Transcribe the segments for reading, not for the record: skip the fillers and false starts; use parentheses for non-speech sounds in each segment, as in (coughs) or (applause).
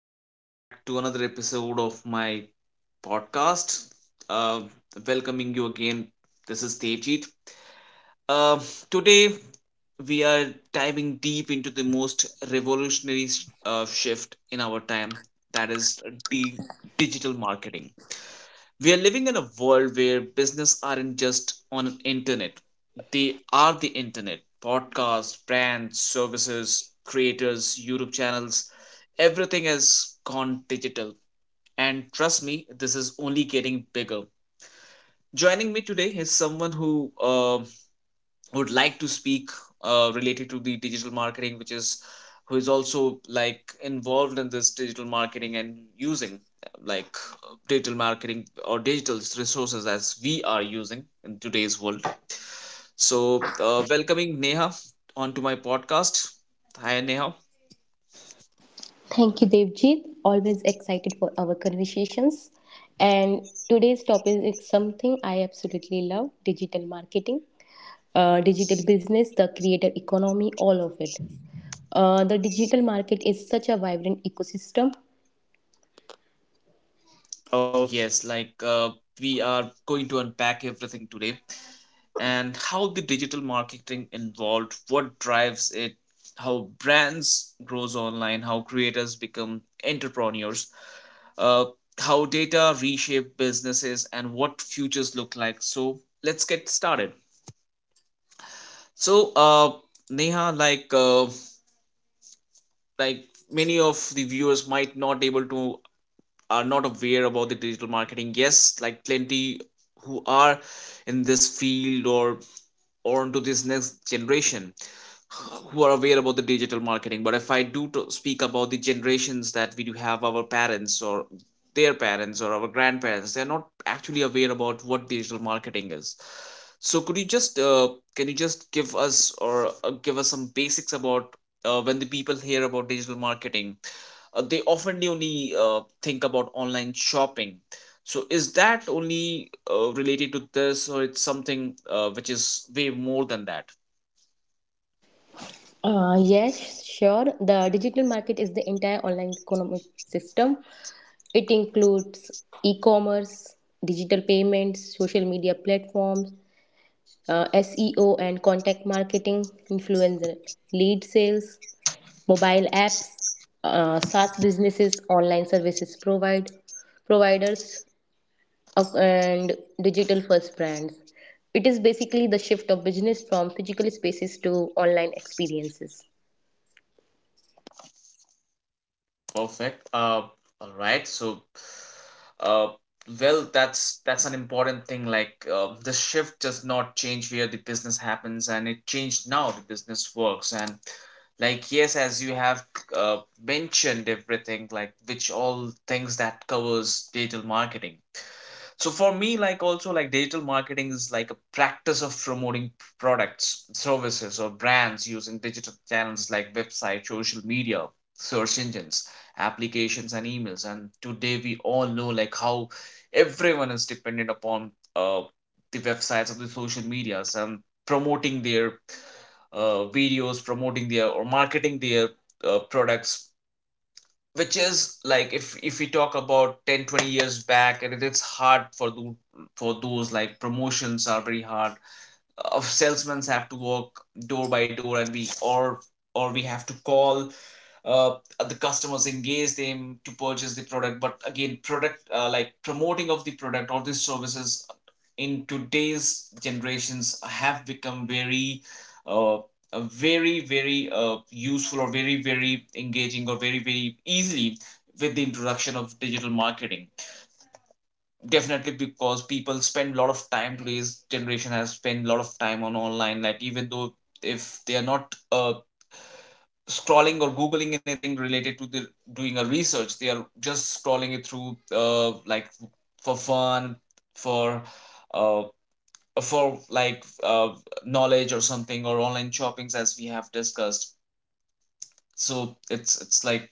Welcome back to another episode of my podcast. Uh, Welcoming you again. This is Tejit. Uh, Today we are diving deep into the most revolutionary shift in our time. That is the digital marketing. We are living in a world where business aren't just on an internet, they are the internet. Podcasts, brands, services, creators, YouTube channels, everything has gone digital, and trust me, this is only getting bigger. Joining me today is someone who would like to speak related to the digital marketing, which is who is also like involved in this digital marketing and using uh, like digital marketing or digital resources as we are using in today's world. So welcoming Neha onto my podcast. Hi Neha. Thank you, Devjit. Always excited for our conversations. And today's topic is something I absolutely love digital marketing, digital business, the creator economy, all of it. The digital market is such a vibrant ecosystem. Oh yes, like we are going to unpack everything today and how the digital marketing involved, what drives it, how brands grows online, how creators become entrepreneurs, uh, how data reshape businesses and what futures look like. So let's get started. So Neha, like like many of the viewers might not able to, are not aware about the digital marketing. Yes, like plenty who are in this field or into this next generation who are aware about the digital marketing. But if I do to speak about the generations that we do have, our parents or their parents or our grandparents, they're not actually aware about what digital marketing is. So could you just can you just give us or give us some basics about when the people hear about digital marketing, they often only think about online shopping. So is that only related to this, or it's something which is way more than that? Yes, sure. The digital market is the entire online economic system. It includes e commerce, digital payments, social media platforms, SEO and contact marketing, influencer lead sales, mobile apps, SaaS businesses, online services providers, and digital first brands. It is basically the shift of business from physical spaces to online experiences. Perfect. All right. So, uh, well, that's an important thing. Like, the shift does not change where the business happens, and it changed now the business works. And like, yes, as you have uh, mentioned everything, like which all things that covers digital marketing. So for me, like also, like digital marketing is like a practice of promoting products, services, or brands using digital channels like website, social media, search engines, applications, and emails. And today we all know like how everyone is dependent upon uh, the websites of the social medias and promoting their videos, promoting their or marketing their products. Which is like if we talk about 10-20 years back, and it's hard for for those, like promotions are very hard. Of salesmen have to walk door by door, and we or we have to call uh, the customers, engage them to purchase the product. But again, product like promoting of the product or these services in today's generations have become very uh, very very useful or very very engaging or very very easily with the introduction of digital marketing. Definitely, because people spend a lot of time. Today's generation has spent a lot of time on online, like even though if they are not scrolling or googling anything related to the doing a research, they are just scrolling it through like for fun, for uh, for like knowledge or something, or online shoppings as we have discussed. So it's like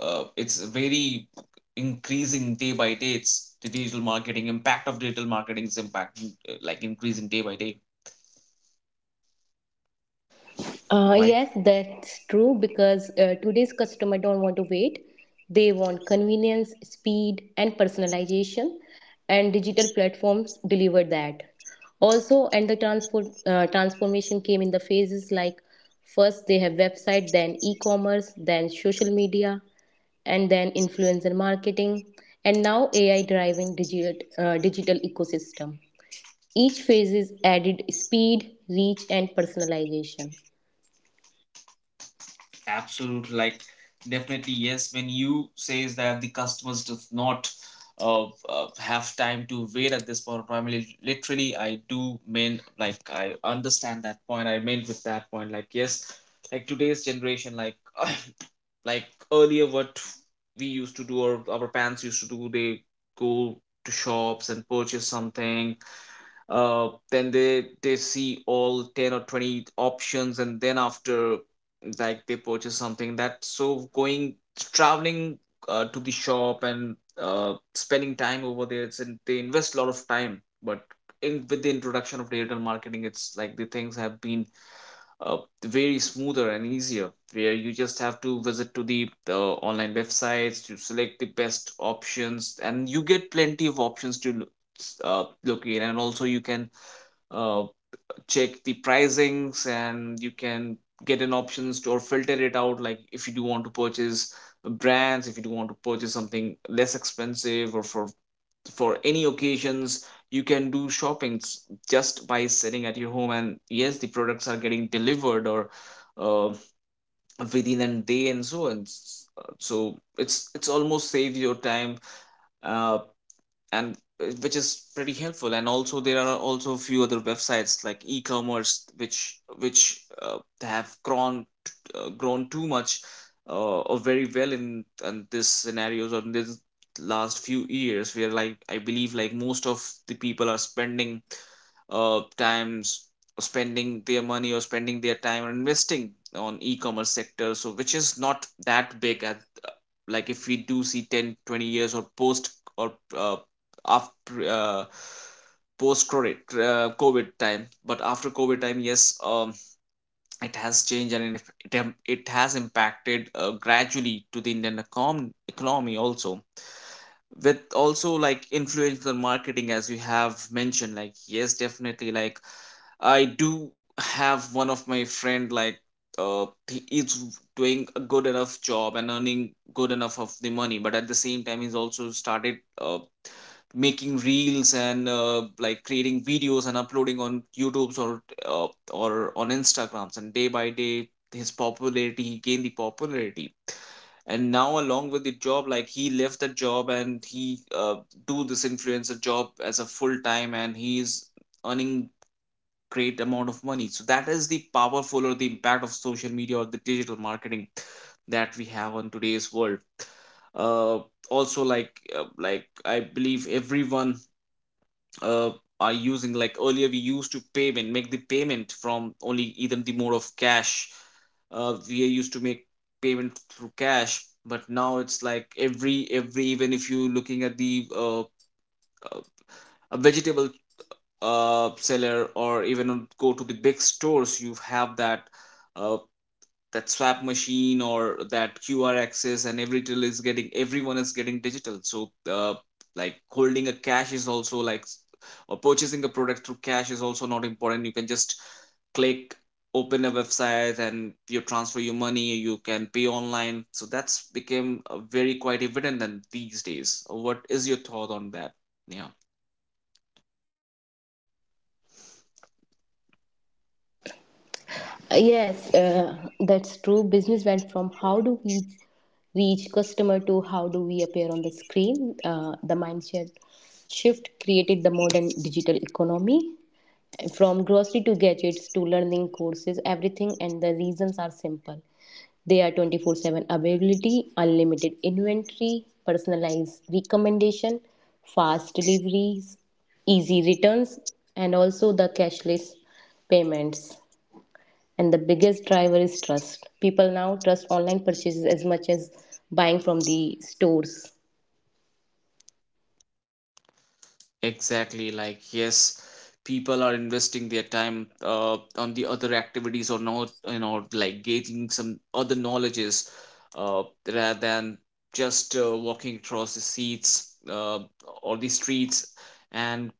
it's very increasing day by day. It's the digital marketing impact of digital marketing's impact like increasing day by day. Uh, Right. yes, that's true because today's customer don't want to wait. They want convenience, speed, and personalization, and digital platforms deliver that. Also, and the transport transformation came in the phases like first they have website, then e-commerce, then social media, and then influencer marketing, and now AI driving digital ecosystem. Each phase is added speed, reach, and personalization. Absolutely, like definitely yes. When you says that the customers does not have time to wait at this point of time, literally, I do mean, like I understand that point. I meant with that point, like yes, like today's generation, like (coughs) (clears throat) like earlier what we used to do or our parents used to do, they go to shops and purchase something. Then they see all 10 or 20 options, and then after like they purchase something. That so going, traveling to the shop and spending time over there, it's, and they invest a lot of time. But in with the introduction of digital marketing, it's like the things have been uh, very smoother and easier, where you just have to visit to the online websites to select the best options, and you get plenty of options to look in, and also you can uh, check the pricings, and you can get an options to or filter it out. Like if you do want to purchase brands, if you do want to purchase something less expensive, or for any occasions, you can do shoppings just by sitting at your home, and yes, the products are getting delivered or uh, within a day and so on. So it's almost save your time uh, and which is pretty helpful. And also there are also a few other websites like e-commerce, which have grown grown too much or very well in this scenarios or in this last few years, where like I believe like most of the people are spending times, spending their money or spending their time or investing on e-commerce sector. So which is not that big as, like if we do see 10, 20 years or post or after post covid covid time. But after covid time, yes, it has changed, and it has impacted gradually to the Indian economy also. With also like influencer marketing, as you have mentioned, like yes definitely, like I do have one of my friend, like he is doing a good enough job and earning good enough of the money. But at the same time, he's also started making reels and like creating videos and uploading on YouTube's or uh, on Instagrams, and day by day his popularity, he gained the popularity. And now along with the job, like he left the job and he do this influencer job as a full time, and he is earning great amount of money. So that is the powerful or the impact of social media or the digital marketing that we have on today's world. uh, Also like I believe everyone uh, are using, like earlier we used to payment, make the payment from only either the mode of cash. We used to make payment through cash. But now it's like every, even if you looking at the uh, a vegetable seller or even go to the big stores, you have that uh, that swap machine or that QR access, and every till is getting, everyone is getting digital. So uh, like holding a cash is also like or purchasing a product through cash is also not important. You can just click, open a website and you transfer your money, you can pay online. So that's became very quite evident than these days. What is your thought on that? Yeah. Yes, that's true. Business went from how do we reach customer to how do we appear on the screen. The mindset shift created the modern digital economy. From grocery to gadgets to learning courses, everything and the reasons are simple. They are 24/7 availability, unlimited inventory, personalized recommendation, fast deliveries, easy returns, and also the cashless payments and the biggest driver is trust people now trust online purchases as much as buying from the stores. Exactly. Like, yes, people are investing their time on the other activities, or not, you know, like gaining some other knowledges rather than just walking across the seats or the streets and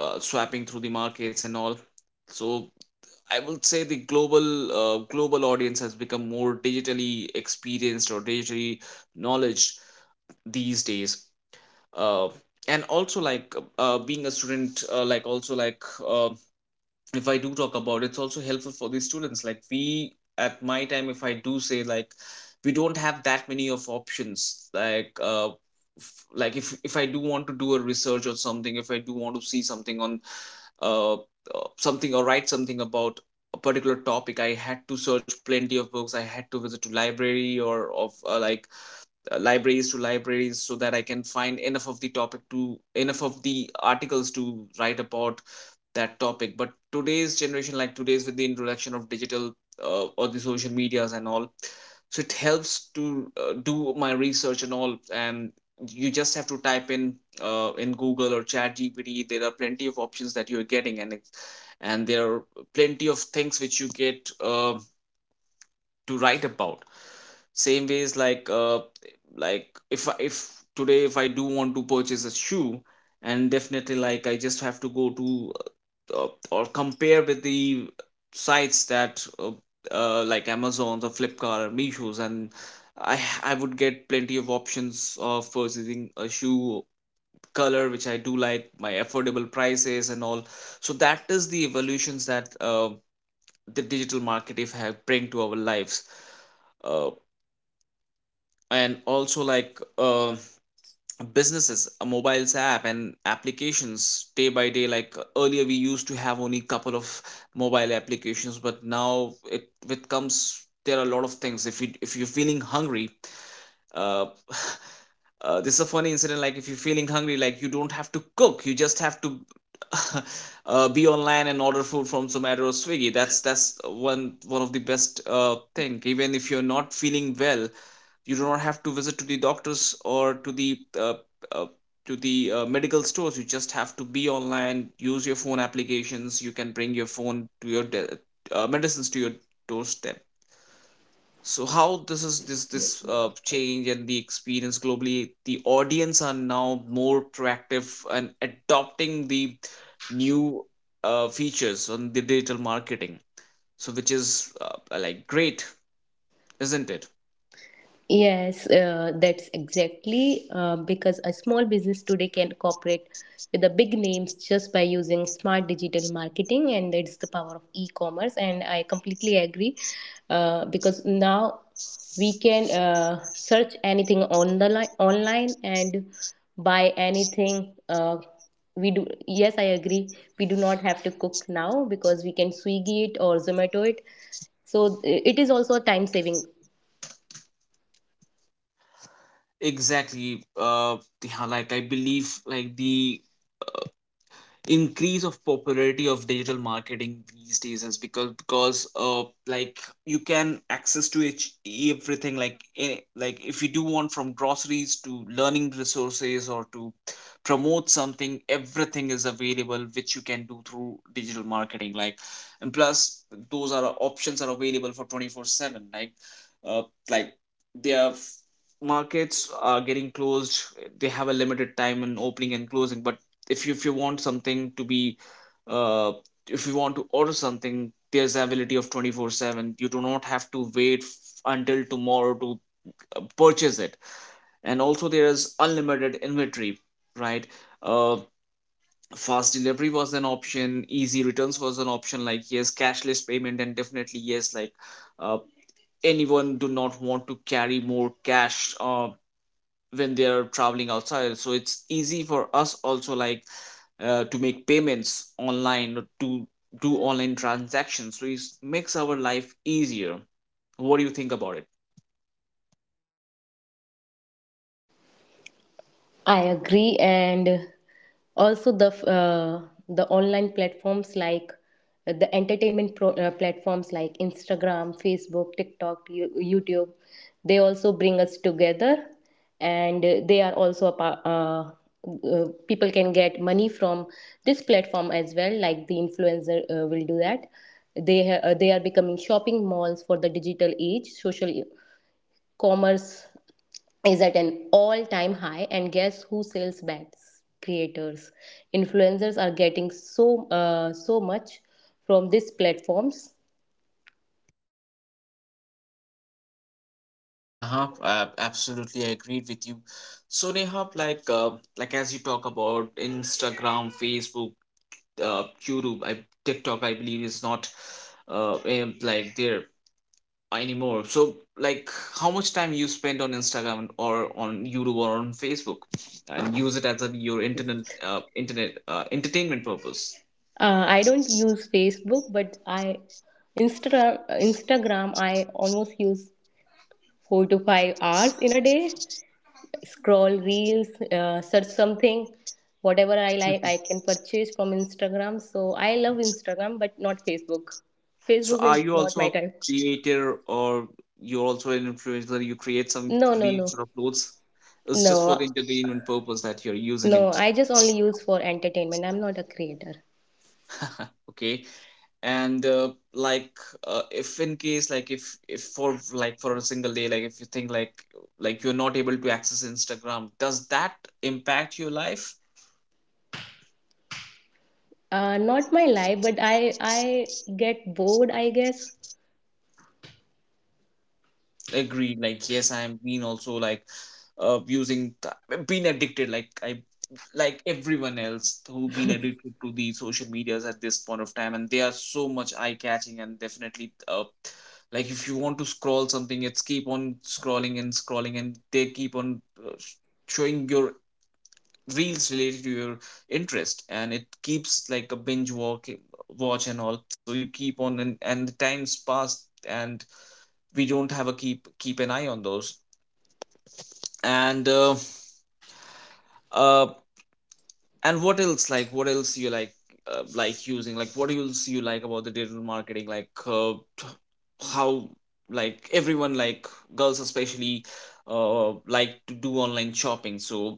swapping through the markets and all. So I would say the global global audience has become more digitally experienced or digitally knowledge these days. uh, and also like being a student, like also like uh, if I do talk about it, it's also helpful for the students. Like we at my time, if I do say, like we don't have that many of options. Like like if I do want to do a research or something, if I do want to see something on uh, uh, something or write something about a particular topic, I had to search plenty of books, I had to visit to library or of libraries to libraries, so that I can find enough of the topic, to enough of the articles to write about that topic. But today's generation, like today's with the introduction of digital or the social medias and all, so it helps to do my research and all. And you just have to type in Google or ChatGPT. There are plenty of options that you are getting, and and there are plenty of things which you get. To write about same ways like if today if I do want to purchase a shoe, and definitely like I just have to go to or compare with the sites that like Amazon's or Flipkart or Mishos, and I would get plenty of options of purchasing a shoe color which I do like, my affordable prices and all. So that is the evolutions that the digital market, if have bring to our lives. uh, and also businesses, mobiles app and applications day by day, earlier we used to have only couple of mobile applications, but now it comes, there are a lot of things. If you if you're feeling hungry, uh, (laughs) this is a funny incident. Like if you're feeling hungry, like you don't have to cook, you just have to (laughs) be online and order food from Zomato or Swiggy. That's one of the best thing. Even if you're not feeling well, you do not have to visit to the doctors or uh, to the medical stores. You just have to be online, use your phone applications, you can bring your phone to your medicines to your doorstep. So how this is this change, and the experience globally, the audience are now more proactive and adopting the new features on the digital marketing, so which is like great, isn't it? Yes, that's exactly because a small business today can cooperate with the big names just by using smart digital marketing, and that's the power of e-commerce. And I completely agree because now we can search anything on the line online and buy anything. We do, yes, I agree. We do not have to cook now because we can Swiggy it or Zomato it, so it is also a time saving. Exactly, yeah, like I believe like the increase of popularity of digital marketing these days is because like you can access to everything. Like if you do want, from groceries to learning resources or to promote something, everything is available which you can do through digital marketing, like. And plus, those are options are available for 24 7, uh like their markets are getting closed, they have a limited time in opening and closing. But if you want something to be uh, if you want to order something, there's availability of 24/7, you do not have to wait until tomorrow to purchase it. And also there's unlimited inventory, right? uh, Fast delivery was an option, easy returns was an option, like yes, cashless payment, and definitely yes, like uh, anyone do not want to carry more cash when they are traveling outside. So it's easy for us also, like to make payments online or to do online transactions, so it makes our life easier. What do you think about it? I agree, and also the online platforms like the entertainment platforms like Instagram, Facebook, TikTok, YouTube. They also bring us together, and they are also a people can get money from this platform as well. Like the influencer will do that. They are becoming shopping malls for the digital age, social commerce is at an all time high and guess who sells bats creators influencers are getting so so much from these platforms. Uh-huh. I absolutely agreed with you. So Neha, like as you talk about Instagram, Facebook, YouTube, I, TikTok, I believe is not like there anymore. So, like, how much time you spend on Instagram or on YouTube or on Facebook, and use it as a, your internet entertainment purpose. I don't use Facebook, but I instagram Instagram I almost use 4 to 5 hours in a day, scroll reels, search something, whatever I like I can purchase from Instagram, so I love Instagram but not Facebook. So, Facebook are is you not also my a type. creator, or you're also an influencer? You create some No no, no, reels or uploads. It's just for the no. entertainment purpose that you're using No, it. I just only use for entertainment. I'm not a creator. (laughs) Okay, and if in case, like if for a single day, like if you think like you're not able to access Instagram, does that impact your life? Not my life, but I get bored, I guess. Agreed, like yes, I'm being also like being addicted, like everyone else who been addicted to the social medias at this point of time. And they are so much eye catching, and definitely like if you want to scroll something, it's keep on scrolling and scrolling, and they keep on uh, sh- showing your reels related to your interest, and it keeps like a binge walk watch and all, so you keep on, and the times pass. And we don't have a keep an eye on those. and uh, uh and what else, like what else you like using, like what else you like about the digital marketing? How, like everyone, like girls especially, like to do online shopping. So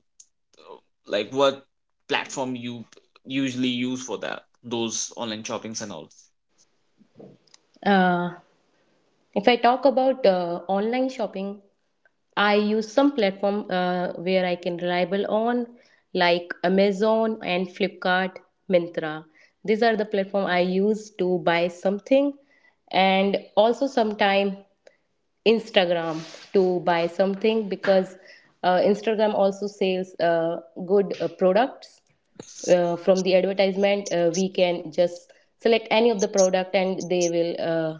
like what platform you usually use for that, those online shoppings and all? Uh, if I talk about online shopping, I use some platform where I can reliable on, like Amazon and Flipkart, Mintra. These are the platform I use to buy something, and also sometime Instagram to buy something because Instagram also sells good products from the advertisement. We can just select any of the product and they will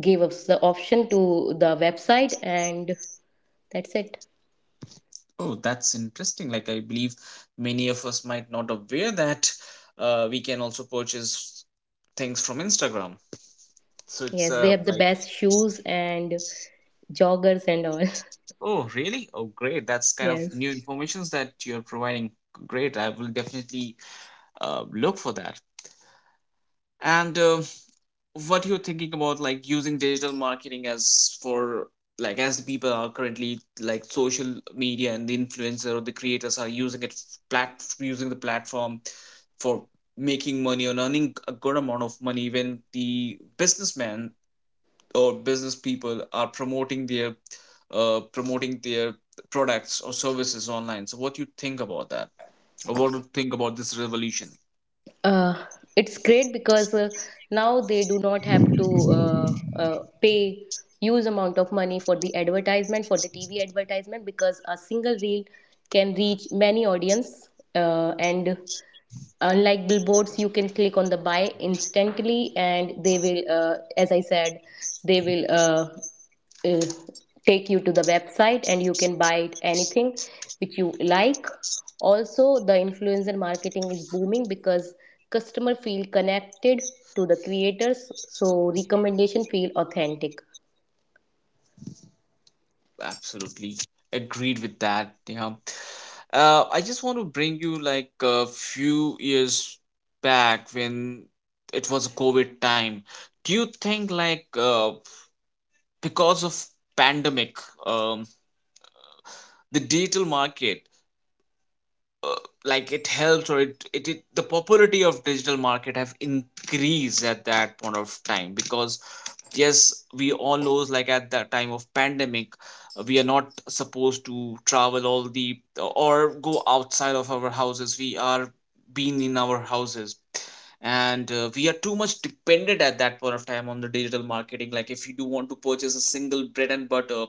give us the option to the website and that's it. Oh, that's interesting. Like I believe many of us might not aware that we can also purchase things from Instagram, so it's Yes, they have the like. best shoes and joggers and all. (laughs) Oh really, oh great, that's kind of Yes. new informations that you're providing. Great, I will definitely look for that. And what you're thinking about like using digital marketing as for, like as the people are currently like social media, and the influencer or the creators are using it, plat using the platform for making money and earning a good amount of money, when the businessmen or business people are promoting their uh promoting their products or services online. So what you think about that, or what do you think about this revolution? uh, it's great because now they do not have to pay huge amount of money for the advertisement for the TV advertisement because a single reel can reach many audience, and unlike billboards you can click on the buy instantly and they will as I said, they will uh, take you to the website and you can buy anything which you like. Also the influencer marketing is booming because customer feel connected to the creators, so recommendation feel authentic. Absolutely agreed with that. Yeah. I just want to bring you like a few years back when it was a COVID time. Do you think because of pandemic, um, the digital market, uh, like it helps, or it the popularity of digital market have increased at that point of time? Because yes, we all knows like at that time of pandemic, we are not supposed to travel all the, or go outside of our houses, we are being in our houses. And we are too much dependent at that point of time on the digital marketing. Like if you do want to purchase a single bread and butter,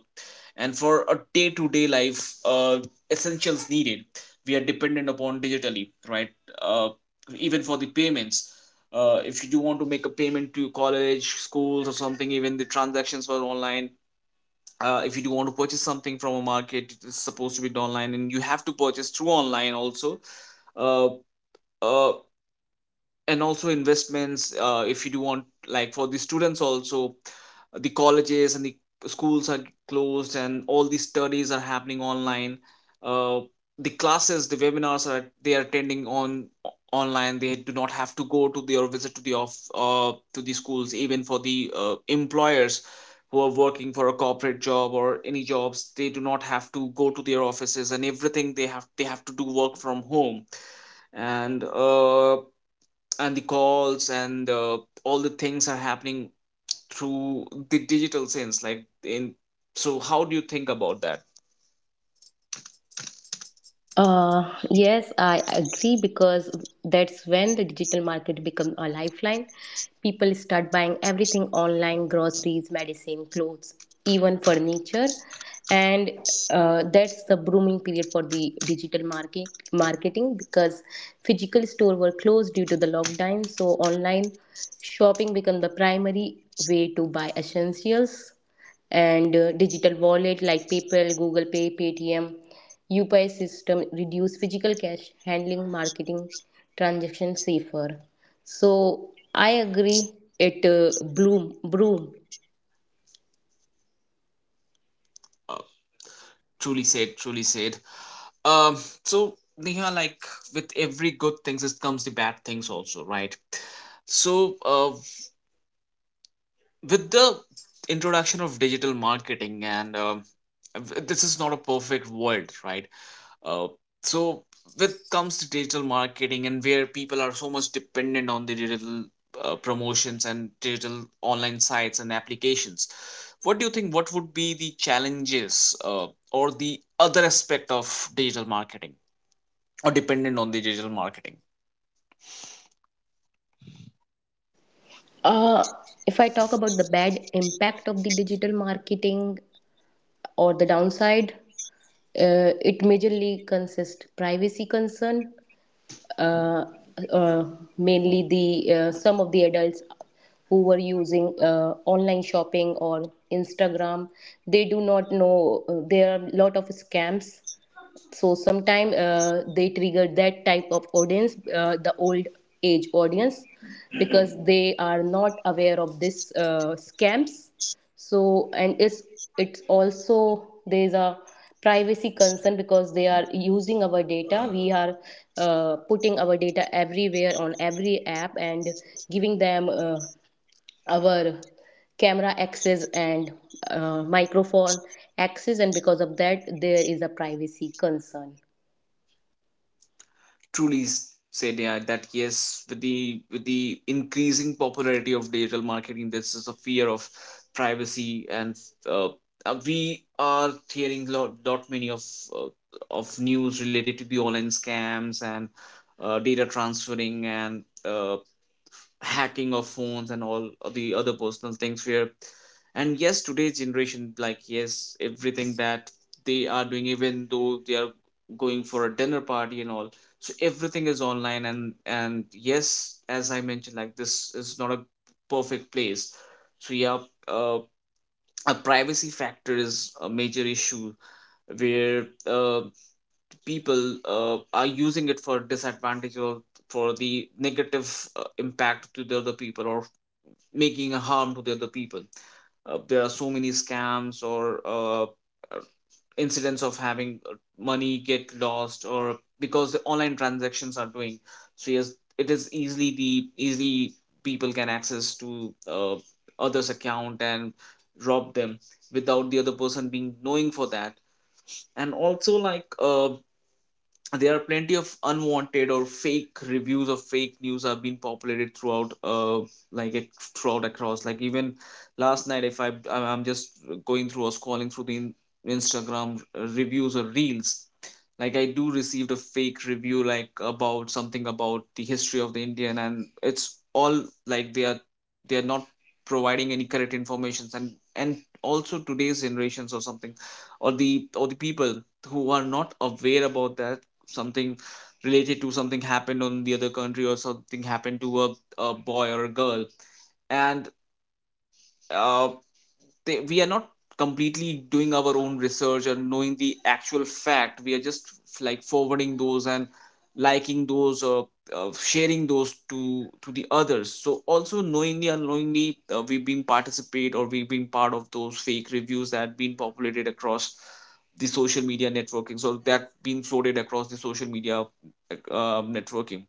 and for a day to day life, essentials needed, we are dependent upon digitally, right? uh, Even for the payments, if you do want to make a payment to college, schools or something, even the transactions were online. If you do want to purchase something from a market, it's supposed to be done online, and you have to purchase through online also. uh, uh, and also investments, if you do want, like for the students also, the colleges and the schools are closed, and all the studies are happening online. uh, the classes, the webinars, are they are attending on online, they do not have to go to the or visit to the off to the schools. Even for the employers who are working for a corporate job or any jobs, they do not have to go to their offices, and everything they have to do work from home. And and the calls, and all the things are happening through the digital sense, like in. So how do you think about that? Yes, I agree because that's when the digital market becomes a lifeline. People start buying everything online groceries, medicine, clothes, even furniture. And that's the booming period for the digital market marketing because physical store were closed due to the lockdown. So online shopping become the primary way to buy essentials, and digital wallet like PayPal, Google Pay, Paytm, UPI system reduce physical cash handling, marketing transaction safer. So I agree. It bloom broom. uh, Truly said, truly said. um so Neha, like with every good things, it comes the bad things also, right? So with the introduction of digital marketing, and this is not a perfect world, right? Uh, so with comes to digital marketing, and where people are so much dependent on the digital promotions and digital online sites and applications, what do you think, what would be the challenges or the other aspect of digital marketing, or dependent on the digital marketing? Uh, if I talk about the bad impact of the digital marketing or the downside, it majorly consists privacy concern, uh, uh, mainly the some of the adults who were using online shopping or Instagram, they do not know there are a lot of scams, so sometime they trigger that type of audience, the old age audience, because they are not aware of this scams. So, and it's also there's a privacy concern because they are using our data, we are putting our data everywhere on every app and giving them our camera access and microphone access, and because of that there is a privacy concern. Said. Yeah, that yes, with the increasing popularity of digital marketing, this is a fear of privacy. And uh, we are hearing lot many uh, of news related to the online scams, and data transferring, and hacking of phones and all the other personal things where. And yes, today's generation, like yes, everything that they are doing, even though they are going for a dinner party and all, so everything is online. And yes, as I mentioned, like this is not a perfect place. So yeah, uh, a privacy factor is a major issue where people are using it for disadvantage, or for the negative impact to the other people, or making a harm to the other people. There are so many scams, or incidents of having money get lost, or because the online transactions are doing. So yes, it is easily the easily people can access to others account and rob them, without the other person being knowing for that. And also there are plenty of unwanted or fake reviews, of fake news have been populated like ac- throughout across. Like even last night, if I'm just going through or scrolling through the Instagram reviews or reels, like I do received a fake review like about something, about the history of the Indian, and it's all like they are, they are not providing any correct informations. And also today's generations, or something, or the, or the people who are not aware about that, something related to something happened on the other country, or something happened to a boy or a girl. And uh, they, we are not completely doing our own research and knowing the actual fact, we are just like forwarding those and liking those, or sharing those to the others. So also, knowingly unknowingly, we've been participate, or we've been part of those fake reviews that been populated across the social media networking, so that been floated across the social media networking.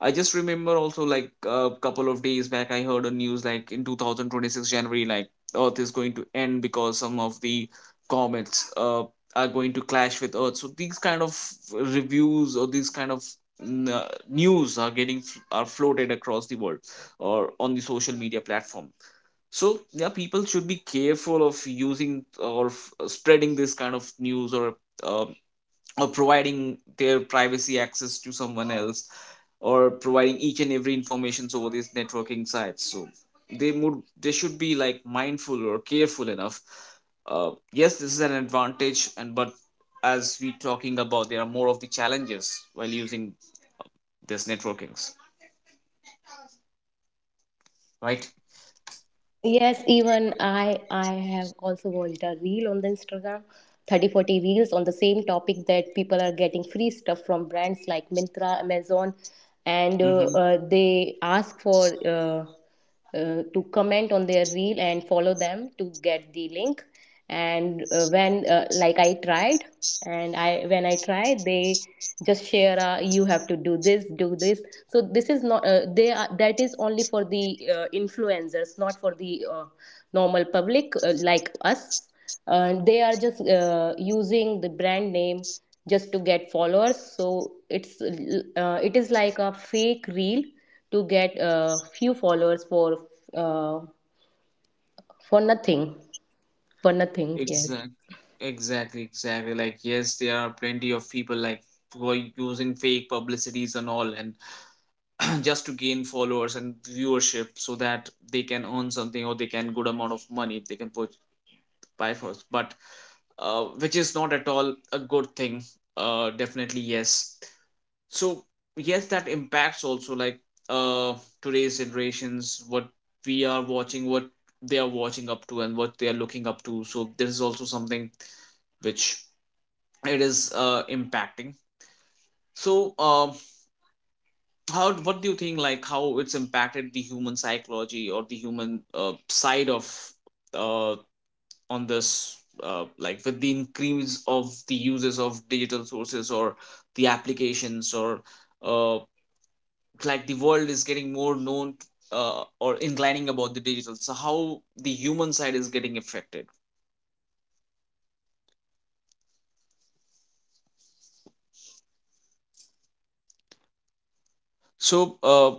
I just remember also like a couple of days back, I heard a news like in 2026 January, like earth is going to end, because some of the Comets are going to clash with earth, so these kind of reviews or these kind of news are getting are floated across the world or on the social media platform. So yeah, people should be careful of using or spreading this kind of news um or providing their privacy access to someone else, or providing each and every information over these networking sites. So they would, they should be like mindful or careful enough. Yes, this is an advantage and but as we talking about, there are more of the challenges while using this networkings, right? Yes, even I have also watched a reel on the Instagram, 30, 40 reels on the same topic that people are getting free stuff from brands like Mintra, Amazon, and Mm-hmm. They ask for to comment on their reel and follow them to get the link. And when like I tried, and I when I try, they just share, you have to do this, do this. So this is not they are, that is only for the influencers, not for the normal public like us. They are just using the brand name just to get followers, so it's it is like a fake reel to get few followers uh, for nothing. For nothing, yes. Exactly. Exactly, like yes, there are plenty of people like who are using fake publicities and all and (clears throat) just to gain followers and viewership so that they can earn something or they can good amount of money they can put, by force. But which is not at all a good thing. Definitely, yes. So yes, that impacts also like uh, today's generations, what we are watching, what they are watching up to and what they are looking up to. So there is also something which it is impacting. So how, what do you think, like how it's impacted the human psychology or the human side of uh, on this, like, with the increase of the uses of digital sources or the applications or uh, like the world is getting more known, or inclining about the digital. So how the human side is getting affected? So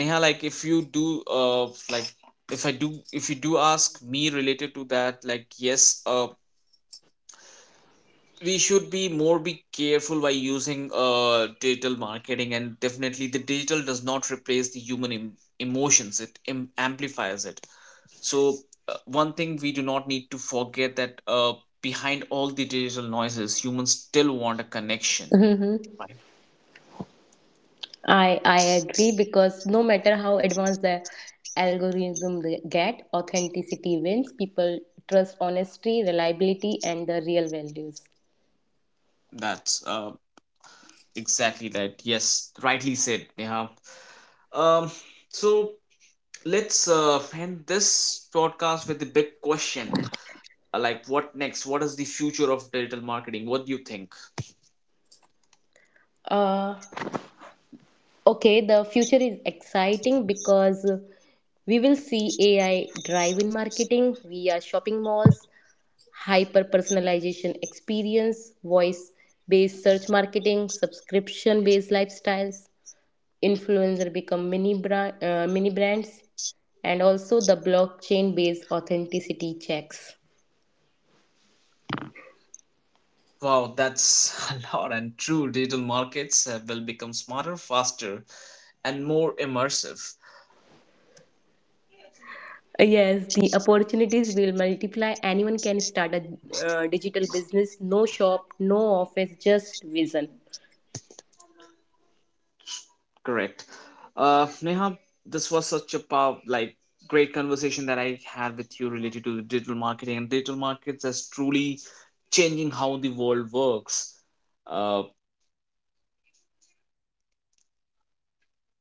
Neha, like if you do like if you do ask me related to that, like yes, we should be more be careful by using digital marketing, and definitely the digital does not replace the human emotions, it amplifies it. So one thing we do not need to forget, that behind all the digital noises, humans still want a connection, (laughs) right? I agree because no matter how advanced the algorithm they get, authenticity wins. People trust honesty, reliability, and the real values. That's exactly that, yes, rightly said, yeah. um so let's end this podcast with a big question. Like, what next? What is the future of digital marketing? What do you think? Uh, okay, the future is exciting because we will see AI drive in marketing via shopping malls, hyper personalization experience, voice based search marketing, subscription based lifestyles, influencer become mini brands, and also the blockchain based authenticity checks. Wow, that's (laughs) a lot. And true, digital markets will become smarter, faster, and more immersive. Yes, the opportunities will multiply. Anyone can start a digital business. No shop, no office, just vision. Correct. Neha, this was such a power, like, great conversation that I had with you related to digital marketing, and digital markets as truly changing how the world works. Uh,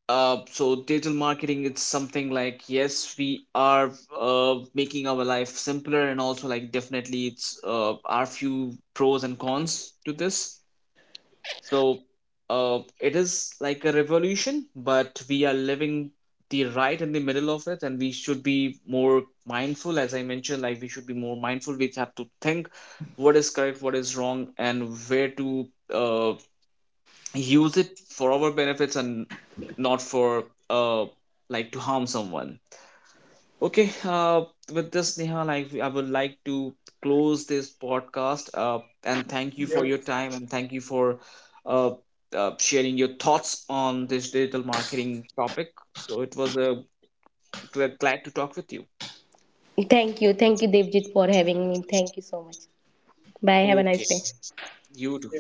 So digital marketing, it's something like yes, we are making our life simpler, and also like definitely it's are few pros and cons to this. So it is like a revolution, but we are living the right in the middle of it, and we should be more mindful. As I mentioned, like, we should be more mindful. We have to think what is correct, what is wrong, and where to uh, use it for our benefits, and not for uh like to harm someone. Okay. With this, Neha, like, I would like to close this podcast, and thank you for your time, and thank you for uh, sharing your thoughts on this digital marketing topic. So it was a glad to talk with you. Thank you, thank you, Devjit, for having me. Thank you so much. Bye, have a nice Okay. day. You too.